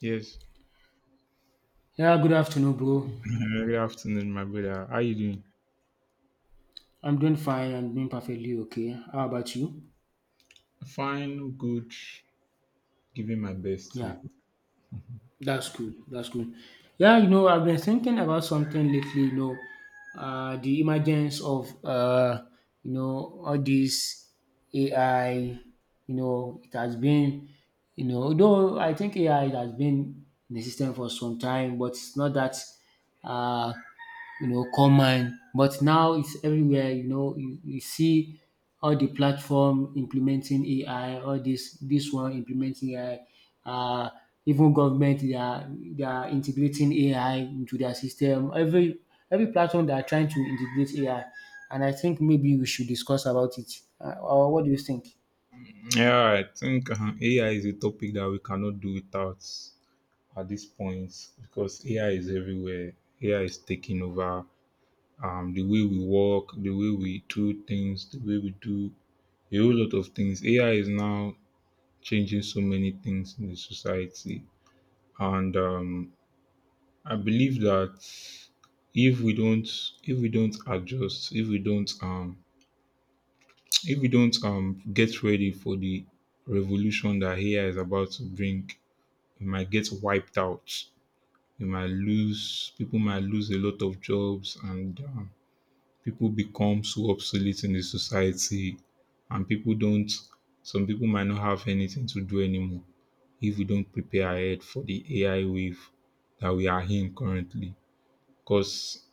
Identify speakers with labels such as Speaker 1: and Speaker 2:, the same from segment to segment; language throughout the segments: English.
Speaker 1: Yes.
Speaker 2: Yeah, good afternoon, bro.
Speaker 1: Good afternoon, my brother. How you doing?
Speaker 2: I'm doing fine and doing perfectly okay. How about you?
Speaker 1: Fine, good, giving my best
Speaker 2: Yeah,
Speaker 1: here.
Speaker 2: that's cool. That's cool. Yeah, I've been thinking about something lately, the emergence of, all this AI, it has been, although I think AI has been in the system for some time, but it's not that uh, common. But now it's everywhere, you see all the platform implementing AI, all this one implementing AI. Uh, Even government they are integrating AI into their system. Every platform they are trying to integrate AI. And I think maybe we should discuss about it. Or what do you think?
Speaker 1: Yeah, I think AI is a topic that we cannot do without at this point because AI is everywhere. AI is taking over the way we work, the way we do things, the way we do a whole lot of things. AI is now changing so many things in the society, and I believe that if we don't adjust, if we don't get ready for the revolution that AI is about to bring, we might get wiped out. We might lose people might lose a lot of jobs, and people become so obsolete in the society, and people don't. Some people might not have anything to do anymore if we don't prepare ahead for the AI wave that we are in currently. Because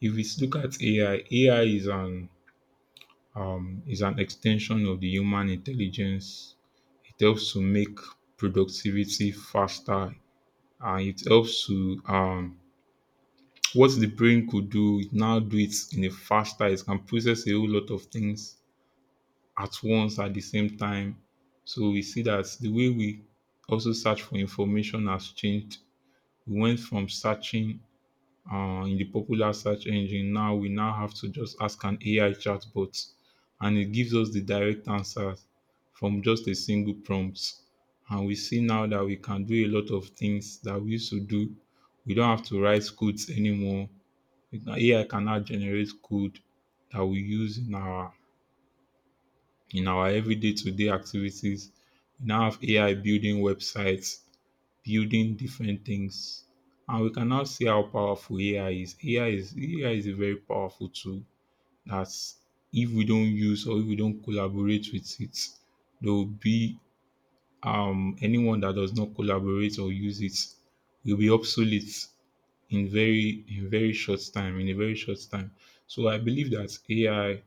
Speaker 1: if we look at AI, AI is an extension of the human intelligence. It helps to make productivity faster and it helps to what the brain could do, it now do it in a faster. It can process a whole lot of things at once at the same time. So we see that the way we also search for information has changed. We went from searching in the popular search engine now we now have to just ask an AI chatbot and it gives us the direct answers from just a single prompt. And we see now that we can do a lot of things that we used to do. We don't have to write codes anymore. AI can now generate code that we use in our everyday to day activities. We now have AI building websites building different things. And we can now see how powerful AI is. AI is a very powerful tool that's if we don't use or if we don't collaborate with it, there will be anyone that does not collaborate or use it will be obsolete in very short time, in a very short time. So I believe that AI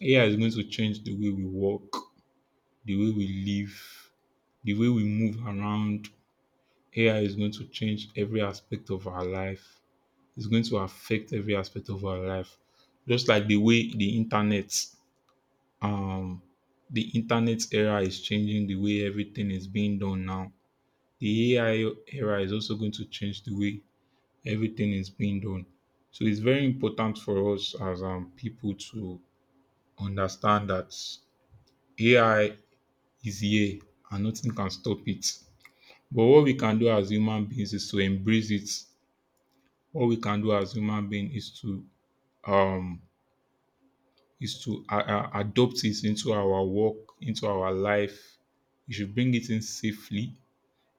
Speaker 1: AI is going to change the way we work, the way we live, the way we move around, AI is going to change every aspect of our life. It's going to affect every aspect of our life. Just like the way um, the internet era is changing the way everything is being done now. The AI era is also going to change the way everything is being done. So it's very important for us as people to understand that AI is here and nothing can stop it. But what we can do as human beings is to embrace it. What we can do as human being is to um adopt it into our work, into our life. We should bring it in safely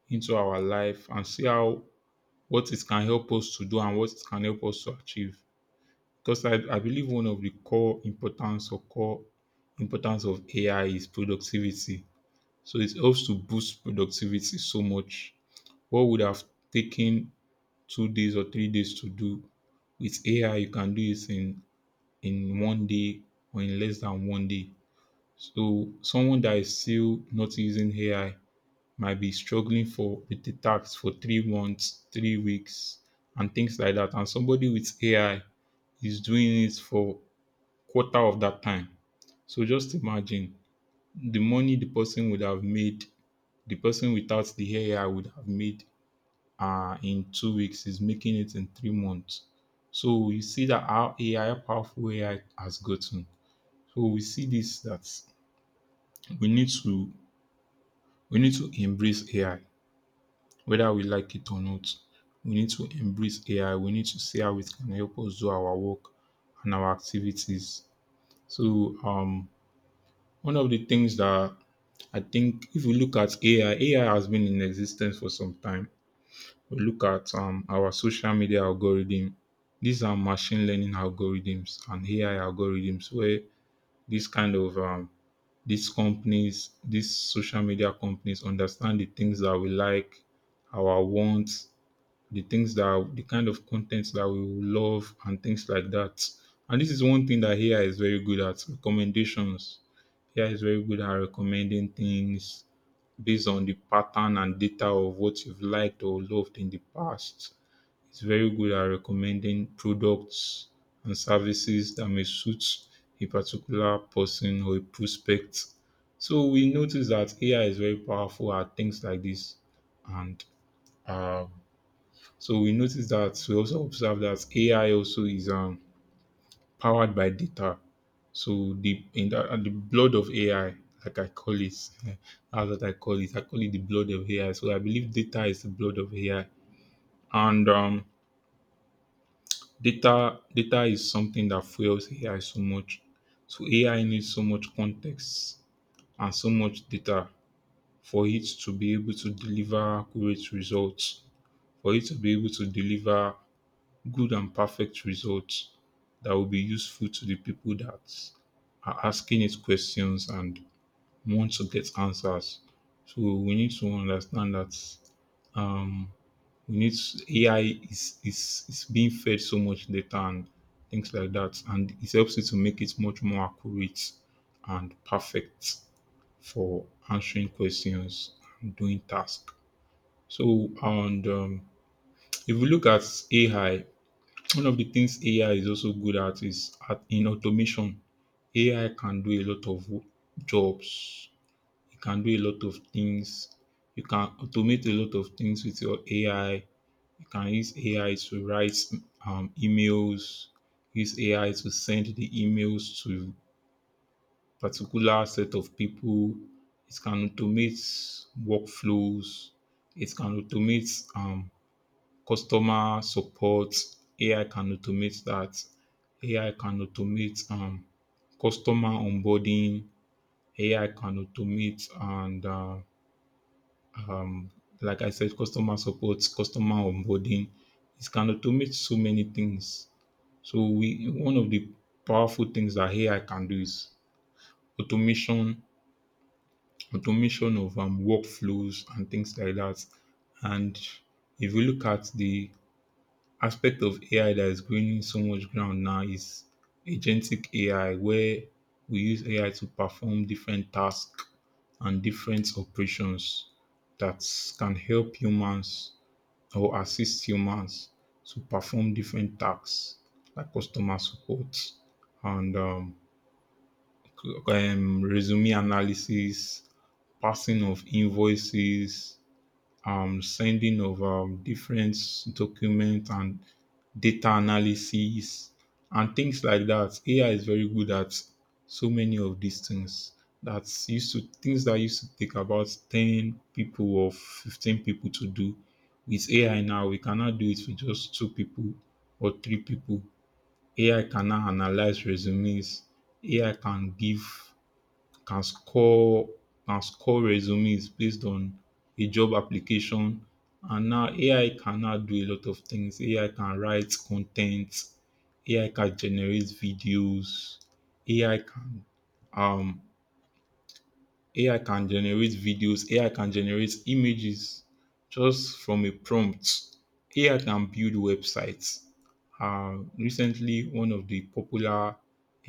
Speaker 1: into our life and see how what it can help us to do and what it can help us to achieve. Because I believe one of the core importance or core importance of AI is productivity. So it helps to boost productivity so much. What would have taken 2 days or 3 days to do with AI, you can do it in one day or in less than one day. So someone that is still not using AI might be struggling for with the tax for 3 months, 3 weeks, and things like that. And somebody with AI is doing it for quarter of that time. So just imagine the money the person would have made, the person without the AI would have made in 2 weeks is making it in 3 months. So you see that how AI, how powerful AI has gotten. So we see this that we need to we need to embrace AI, whether we like it or not. We need to embrace AI. We need to see how it can help us do our work and our activities. So one of the things that I think if we look at AI, AI has been in existence for some time. We look at our social media algorithm. These are machine learning algorithms and AI algorithms where this kind of these companies, these social media companies understand the things that we like, our wants, the things that the kind of contents that we will love and things like that. And this is one thing that AI is very good at recommendations. AI is very good at recommending things based on the pattern and data of what you've liked or loved in the past. It's very good at recommending products and services that may suit a particular person or a prospect. So we notice that AI is very powerful at things like this. And um, so we notice that we also observe that AI also is powered by data. So the in the, and the blood of AI, like I call it, that's what I call it. I call it the blood of AI. So I believe data is the blood of AI. And data is something that fuels AI so much. So AI needs so much context and so much data for it to be able to deliver accurate results, for it to be able to deliver good and perfect results that will be useful to the people that are asking it questions and want to get answers. So we need to understand that um AI is being fed so much data and things like that, and it helps you to make it much more accurate and perfect for answering questions and doing tasks. So, and if we look at AI, one of the things AI is also good at is at, in automation. AI can do a lot of jobs. It can do a lot of things. You can automate a lot of things with your AI you can use AI to write emails, use AI to send the emails to particular set of people. It can automate workflows. It can automate customer support. AI can automate that. AI can automate customer onboarding. AI can automate and um, like I said, customer support, customer onboarding. It can automate so many things. So we one of the powerful things that AI can do is automation, automation of workflows and things like that. And if you look at the aspect of AI that is gaining so much ground now is agentic AI, where we use AI to perform different tasks and different operations that can help humans or assist humans to perform different tasks like customer support and resume analysis, passing of invoices, sending of different documents and data analysis and things like that. AI is very good at so many of these things that's used to things that used to take about 10 people or 15 people to do with AI now we cannot do it with just two people or three people. AI can now analyze resumes. AI can score can score resumes based on a job application. And now AI can now do a lot of things. AI can write content. AI can generate videos. AI can um AI can generate videos. AI can generate images just from a prompt. AI can build websites. Recently, one of the popular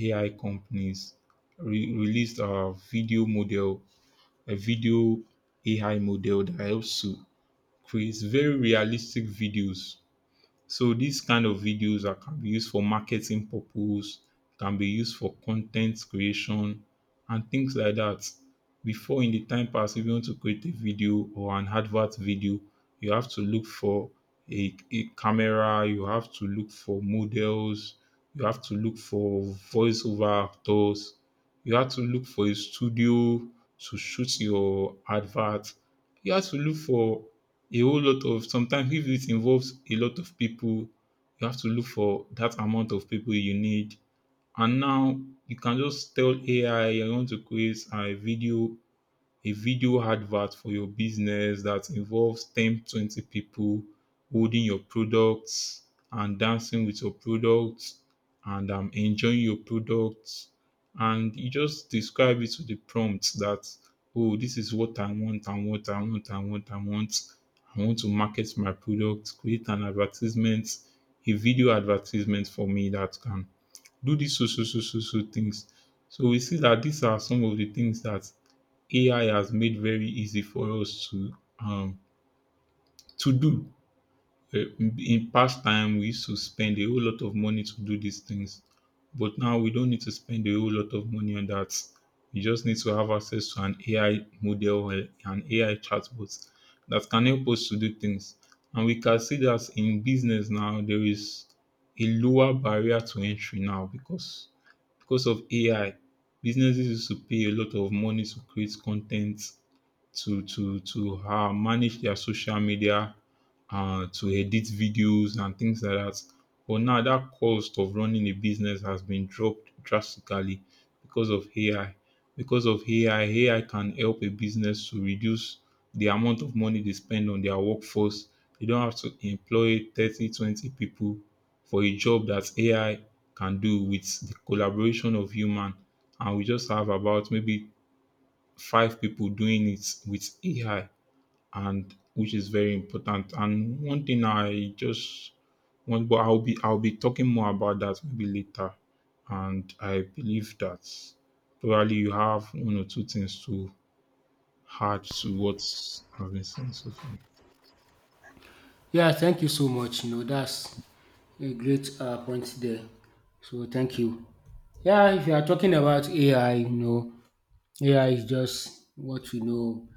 Speaker 1: AI companies released a video model a video AI model that helps to create very realistic videos so these kind of videos are, can be used for marketing purpose, can be used for content creation and things like that. Before in the time past, if you want to create a video or an advert video, you have to look for a camera, you have to look for models, you have to look for voiceover actors, you have to look for a studio to shoot your advert, you have to look for a whole lot of sometimes if it involves a lot of people, you have to look for that amount of people you need. And now you can just tell AI I want to create a video advert for your business that involves 10 20 people holding your products and dancing with your products and enjoying your products. And you just describe it with the prompt that, oh, this is what I want, and what I want, and what I want. I want to market my product, create an advertisement, a video advertisement for me that can do these so, so, so, so, so things. So we see that these are some of the things that AI has made very easy for us to do. In past time, we used to spend a whole lot of money to do these things, but now we don't need to spend a whole lot of money on that. You just need to have access to an AI model or an AI chatbot that can help us to do things. And we can see that in business now there is a lower barrier to entry now because of AI, businesses used to pay a lot of money to create content to manage their social media, to edit videos and things like that. But now that cost of running a business has been dropped drastically because of AI. Because of AI, AI can help a business to reduce the amount of money they spend on their workforce. They don't have to employ 30, 20 people for a job that AI can do with the collaboration of human. And we just have about maybe five people doing it with AI, and which is very important. And one thing I just want, but I'll be talking more about that maybe later. And I believe that probably you have one or two things to add to what I've been saying so far.
Speaker 2: Yeah, thank you so much. That's a great point there. So thank you. Yeah, if you are talking about AI, AI is just what we know,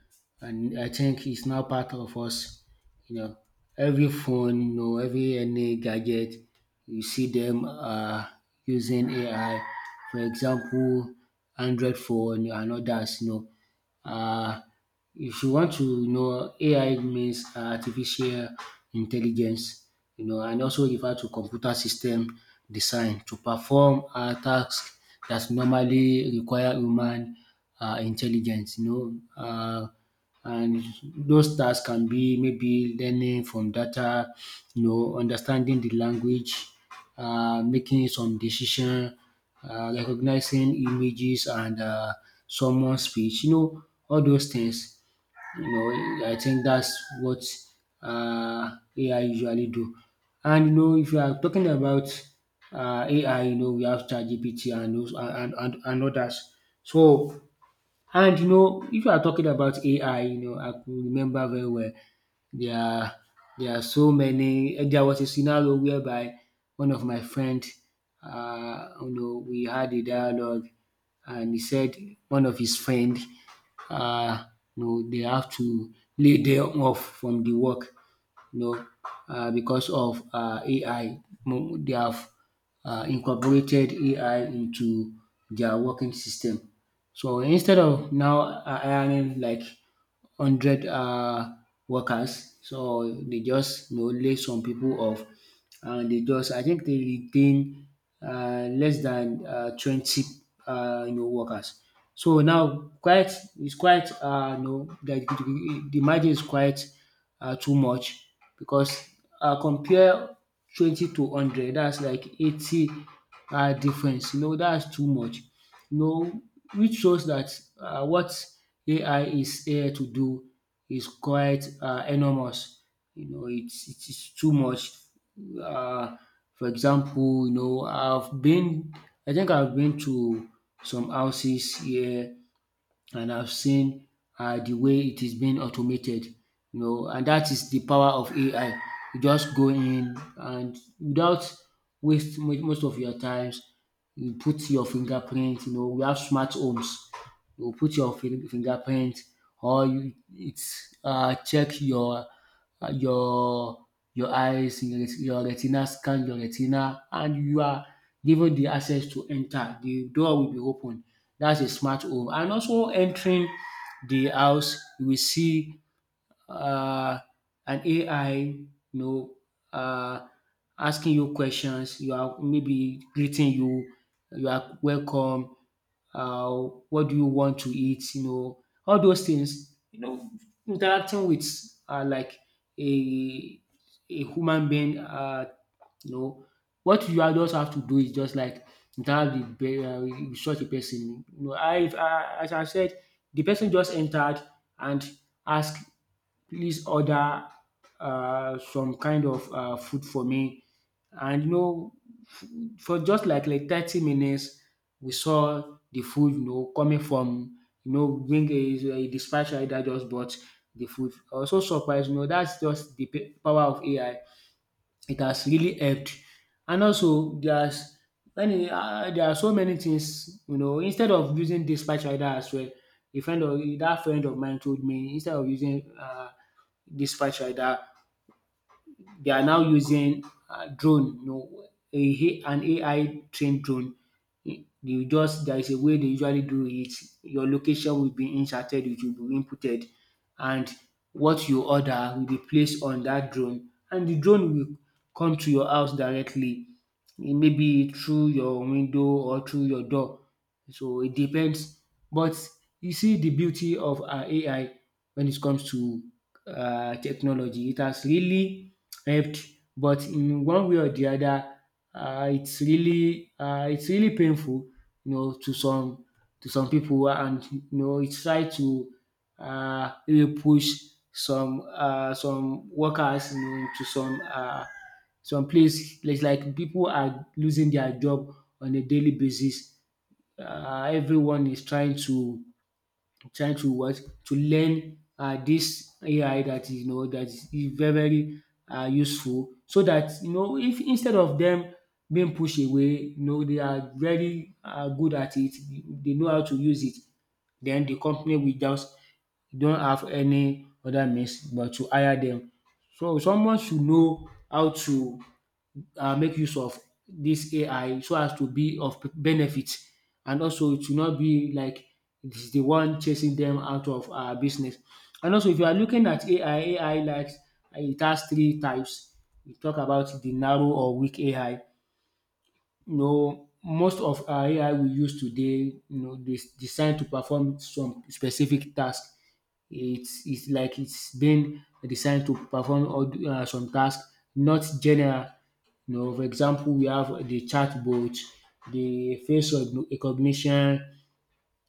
Speaker 2: and I think it's now part of us. You know, every phone, every any gadget, you see them using AI. For example, Android phone and others. Know, uh, if you want to know AI means artificial intelligence, and also refer to computer system design to perform tasks that normally require human intelligence. And those tasks can be maybe learning from data, understanding the language, making some decision, recognizing images and someone's speech, all those things. I think that's what uh, AI usually do. And if you are talking about AI, we have ChatGPT and those and others. So and if you are talking about AI, I could remember very well there are there are so many. There was a scenario whereby one of my friend, we had a dialogue, and he said one of his friend, uh, they have to lay them off from the work you know, because of AI. They have incorporated AI into their working system. So instead of now hiring like 100 workers, so they just only some people off, and they just I think they retain less than 20 workers. So now quite it's quite the margin is quite too much, because compare 20 to 100, that's like 80 difference, that's too much you know, which shows that what AI is here to do is quite enormous. It is too much. Uh, for example, I think I've been to some houses here, and I've seen the way it is being automated, and that is the power of AI. You just go in, and without waste most of your times, you put your fingerprint. We have smart homes. You put your fingerprint, or you it's check your uh, your your eyes, your, your retina, scan your retina, and you are given the access to enter. The door will be open. That's a smart home. And also entering the house, you will see uh, an AI, know, uh, asking you questions. You are maybe greeting you. You are welcome. Uh, what do you want to eat? All those things. Interacting with like a a human being. You know, what you are just have to do is just like interact with such a person. I as I said, the person just entered and asked, please order some kind of food for me. And f- for just like 30 minutes, we saw the food, coming from, bring a dispatcher that just bought the food. I was so surprised, that's just the power of AI. It has really helped. And also there are so many things. Instead of using dispatch rider as well, a friend of that friend of mine told me, instead of using dispatch rider, they are now using drone, an AI trained drone. You just There is a way they usually do it. Your location will be inserted, it will be inputted, and what you order will be placed on that drone, and the drone will come to your house directly. It may be through your window or through your door. So it depends. But you see the beauty of AI when it comes to technology. It has really helped, but in one way or the other, it's really painful, you know, to some to some people, and it try to really push some workers, into some place. It's like people are losing their job on a daily basis. Everyone is trying to Trying to what to learn dis AI that is, that is very very useful, so that, if instead of them being pushed away, they are very good at it, they know how to use it, then the company will just don't have any other means but to hire them. So someone should know how to make use of this AI so as to be of benefit, and also it should not be like it is the one chasing them out of business. And also if you are looking at AI, AI likes it has three types. We talk about the narrow or weak AI. Most of our AI we use today, is designed to perform some specific task. It's like it's been designed to perform some tasks, not general. For example, we have the chatbot, the face recognition,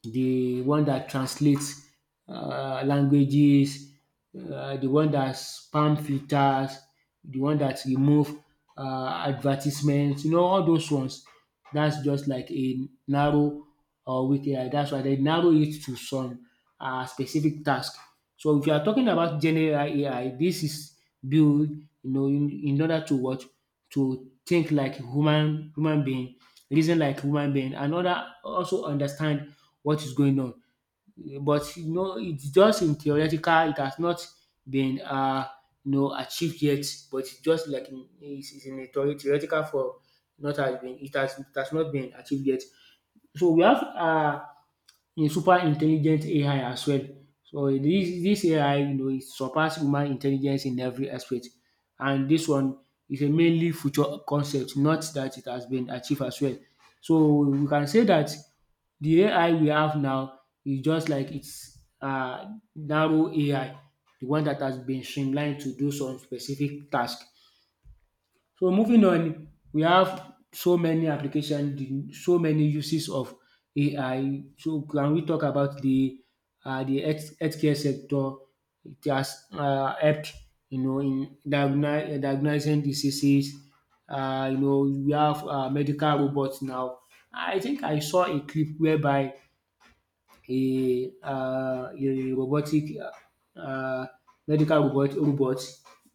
Speaker 2: the one that translates languages, the one that spam filters, the one that remove advertisements, all those ones. That's just like a narrow or weak AI. That's why they narrow it to some specific task. So if you are talking about general AI, this is built, in order to what to think like human being, reason like human being, and other also understand what is going on. But it's just in theoretical, it has not been achieved yet, but it's just like in is in a theoretical form, not has been it has not been achieved yet. So we have in super intelligent AI as well. So this AI, it surpass human intelligence in every aspect, and this one is a mainly future concept, not that it has been achieved as well. So we can say that the AI we have now is just like its narrow AI, the one that has been streamlined to do some specific task. So moving on, we have so many application, the so many uses of AI. So can we talk about the healthcare sector? It has helped, in diagoni diagnosing diseases. um you know we have medical robot now. I think I saw a clip whereby a robotic medical robot,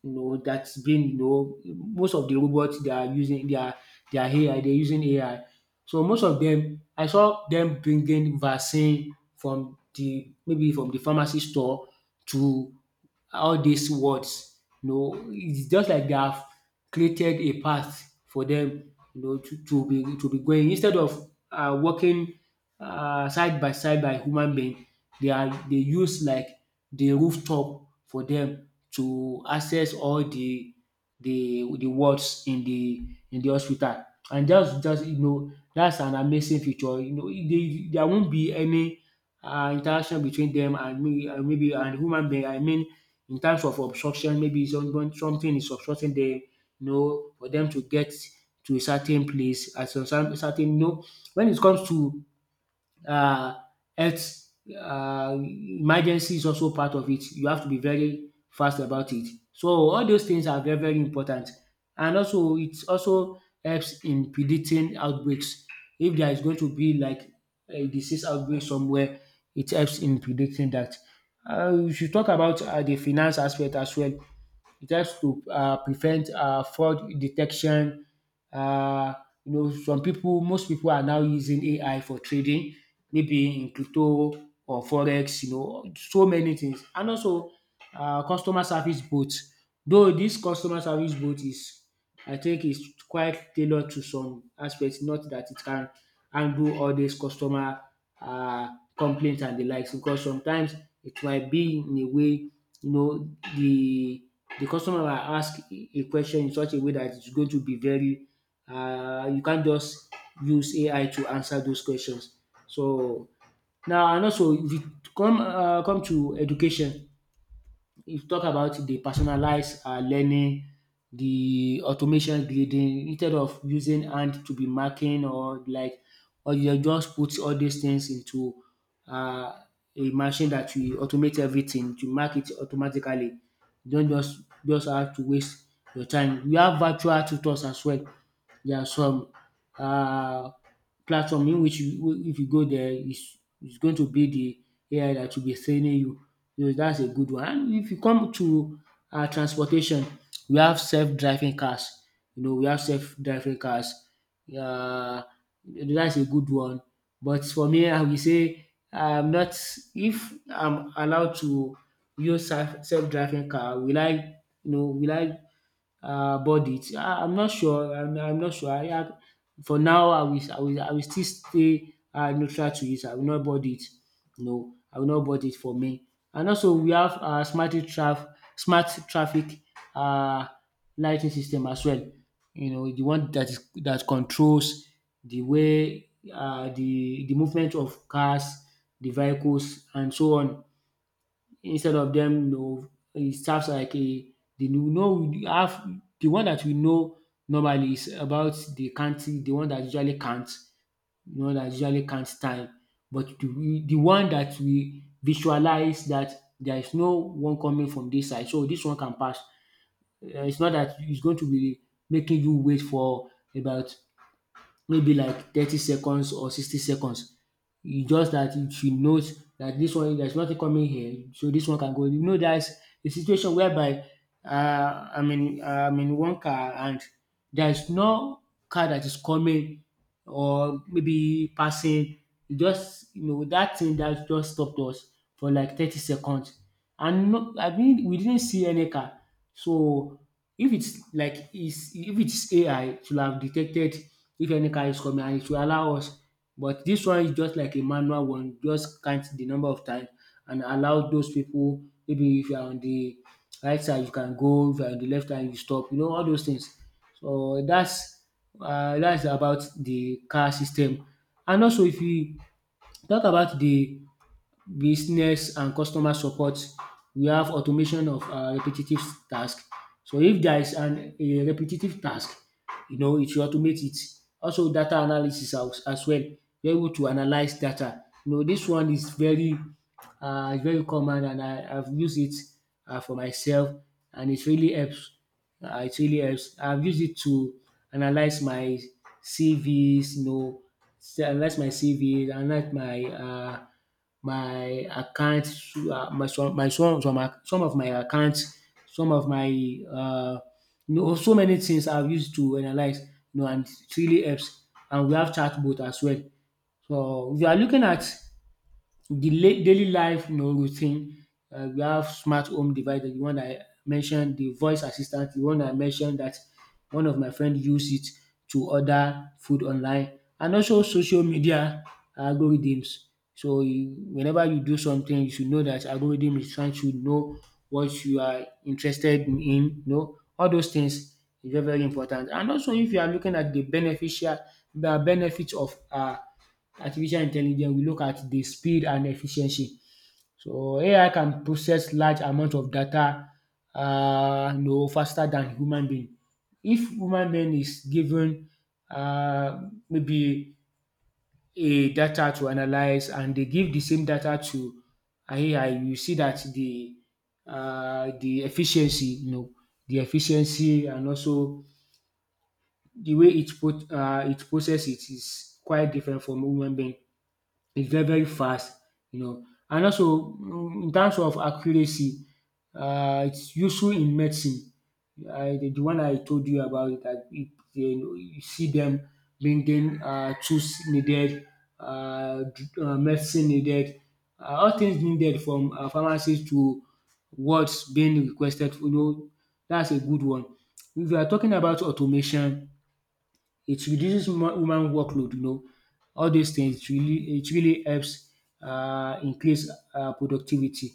Speaker 2: that's been, most of the robots they are using, they are AI, they're using AI. So most of them, I saw them bringing vaccine from the, maybe from the pharmacy store to all these words. It's just like they have created a path for them, to be going instead of working side by side by human being. They use like the rooftop for them to access all the wards in the hospital. And just that's an amazing feature. There won't be any interaction between them and me, and maybe and human being. I mean, in terms of obstruction, maybe something is obstructing the, for them to get to a certain place at some certain, when it comes to um health emergency is also part of it. You have to be very fast about it. So all those things are very very important, and also it also helps in predicting outbreaks. If there is going to be like a disease outbreak somewhere, it helps in predicting that. We should talk about the finance aspect as well. It helps to prevent fraud detection. um most people are now using AI for trading, maybe in crypto or forex, so many things. And also customer service boot. Though dis customer service boot is I think is quite tailored to some aspect, not dat it can handle all dis customer complaint and de likes, because sometimes it might be in a way, you know de The customer will ask a question in such a way that it's going to be very you can't just use AI to answer those questions. So now, and also if you come come to education, if you talk about the personalized learning, the automation grading instead of using hand to be marking or like, or you just put all these things into uh, a machine that will automate everything to mark it automatically. You don't just have to waste your time. We have virtual tutors as well. There are some uh platform in which you, if you go there, is going to be the AI that will be training you. So that's a good one. And if you come to transportation, we have self driving cars. You know, we have self-driving cars. Uh, that's a good one. But for me, I will say I'm not. If I'm allowed to use self-driving car, will I? You know, will I body. I'm not sure, I'm not sure. I for now, I will I will still stay neutral to it. I will not board it. No, I will not board it for me. And also we have smart traf smart traffic uh lighting system as well. You know, the one that is that controls the way the movement of cars, the vehicles and so on, instead of them, you know, it serves like a the you know no, we have the one that we know normally is about the counting, the one that usually counts, time, but the one that we visualize that there is no one coming from this side, so this one can pass. It's not that it's going to be making you wait for about maybe like 30 seconds or 60 seconds. E just dat she knows that this one, there's nothing coming here, so this one can go. You know, there's a situation whereby, I'm in one car, and there is no car that is coming, or maybe passing. E just, you know, that thing that just stopped us for like 30 seconds, and no, I mean, we didn't see any car. So if it's like is, if it's AI, it should have detected if any car is coming, and it will allow us. But this one is just like a manual one, just count the number of times and allow those people, maybe if you are on the right side you can go, if you are on the left side you stop, you know, all those things. So that's about the car system. And also if we talk about the business and customer support. We have automation of repetitive task. So if there is an a repetitive task, you know, it will automate it. Also data analysis as well. You're able to analyze data. You know, this one is very very common, and I've used it for myself, and it really helps, it really helps. I've used it to analyze my CVs, you know, analyze my CV, analyze my my account, my some ac some of my account, some of my uh, you know, so many things I've used to analyze, you know, and it really helps. And we have chatbot as well. So if you are looking at the la daily life, you know, routine, we have smart home devices, the one I mentioned, the voice assistant, the one I mentioned that one of my friend use it to order food online, and also social media algorithms. So you, whenever you do something, you should know that algorithm is trying to know what you are interested in, you know, all those things is very very important. And also if you are looking at the benefits of Artificial intelligence, we look at the speed and efficiency. So AI can process large amount of data, you know, faster than human being. If human being is given maybe a data to analyze, and they give the same data to AI, you see that the efficiency, you know, the efficiency, and also the way it put, it process it is quite different from human being. It's very very fast, you know. And also in terms of accuracy, it's useful in medicine. I the one I told you about it, that it, you know, you see them bringing tools needed, um medicine needed, all things needed from pharmacy to what's being requested, you know. That's a good one. If you are talking about automation, it reduces human workload, you know. All these things really, it really helps increase productivity.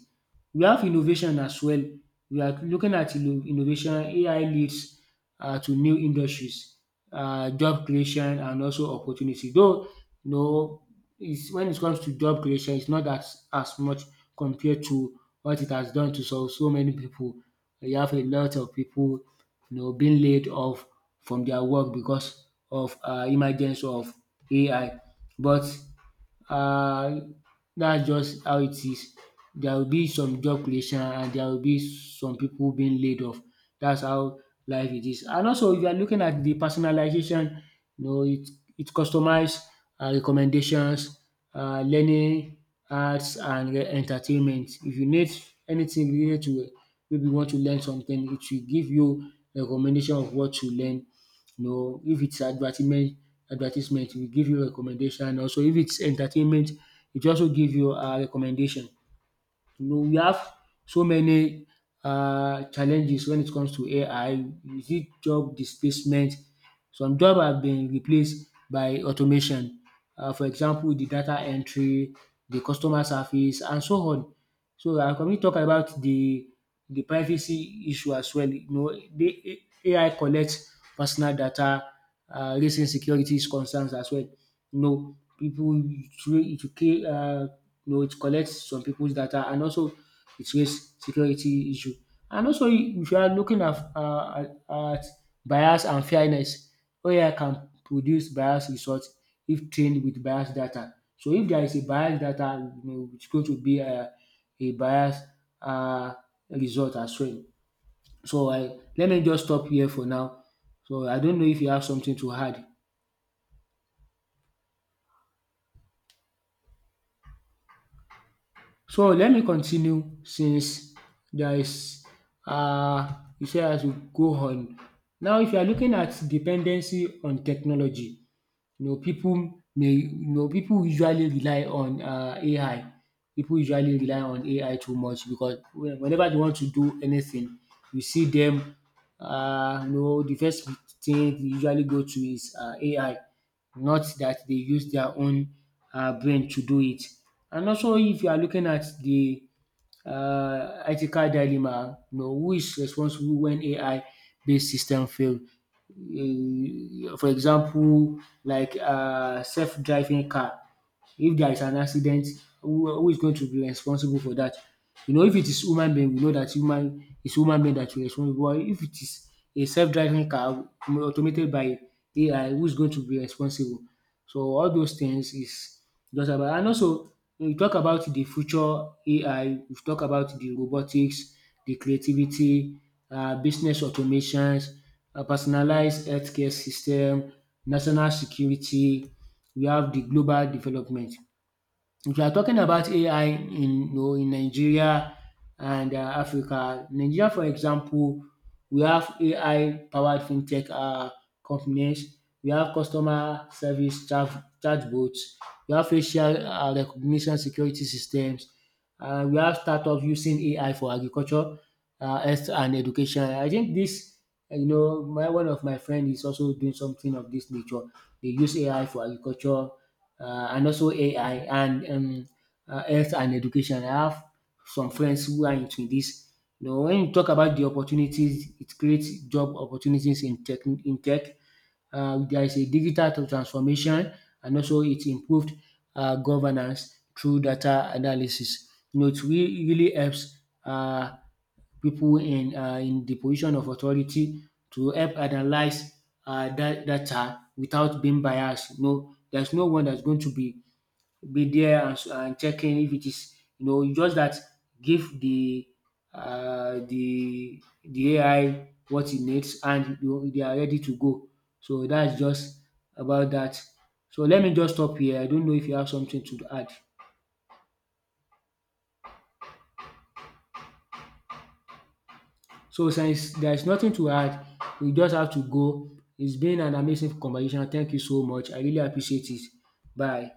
Speaker 2: We have innovation as well. We are looking at innovation. AI leads to new industries, job creation, and also opportunity. Though, you know, is when it comes to job creation, it's not as much compared to what it has done to so so many people. You have a lot of people, you know, being laid off from their work because of emergence of AI, but uh, that's just how it is. There will be some job creation, and there will be some people being laid off. That's how life it is. And also, if you are looking at the personalization, you know, it customize recommendations, learning, arts, and entertainment. If you need anything related to it, maybe you want to learn something, it will give you recommendation of what to learn, no, if it's advertisement, advertisement, we give you recommendation. And also, if it's entertainment, it also give you a recommendation. You know, we have so many challenges when it comes to AI. Is it job displacement? Some job have been replaced by automation. For example, the data entry, the customer service and so on. So and can we talk about the privacy issue as well. You know, the AI collects personal data, raising securities concerns as well. You know, pipu it you know, it collects some people's data, and also it raise security issue. And also if you are looking at at bias and fairness, AI can produce bias results if trained with bias data. So if there is a bias data, you know, it's going to be a bias uh result as well. So I, let me just stop here for now. So I don't know if you have something to add. So let me continue, since there is um you say I should go on. Now if you are looking at dependency on technology. You know, people may, you know, people usually rely on AI. People usually rely on AI too much, because when whenever they want to do anything, you see them, you know, the first thing they usually go to is AI. Not that they use their own brain to do it. And also if you are looking at the ethical dilemma. You know, who is responsible when AI-based system fail? For example, like self-driving car. If there is an accident, who is going to be responsible for that? You know, if it is human being, we know that human is human being that will responsible, but if it is a self driving car automated by AI, who is going to be responsible? So all those things is just about. And also when we talk about the future AI, we talk about the robotics, the creativity, business automations, personalized healthcare system, national security, we have the global development. If you are talking about AI in, you know, in Nigeria and Africa, Nigeria for example, we have AI powered fintech companies, we have customer service chatbots. We have facial recognition security systems, and we have startups using AI for agriculture, health and education. I think dis, you know, my one of my friend is also doing something of this nature. They use AI for agriculture, and also AI and health and education. I have some friends who are into this. You know, when you talk about the opportunities, it creates job opportunities in tech, in tech, there is a digital transformation, and also it improved governance through data analysis. You know, it really helps uh, people in the position of authority to help analyze that data without being biased. You know, there's no one that's going to be there and and checking if it is, you know, you just that give the the AI what it needs and you, they are ready to go. So that's just about that. So let me just stop here. I don't know if you have something to add. So since there is nothing to add, we just have to go. It's been an amazing conversation. Thank you so much. I really appreciate it. Bye.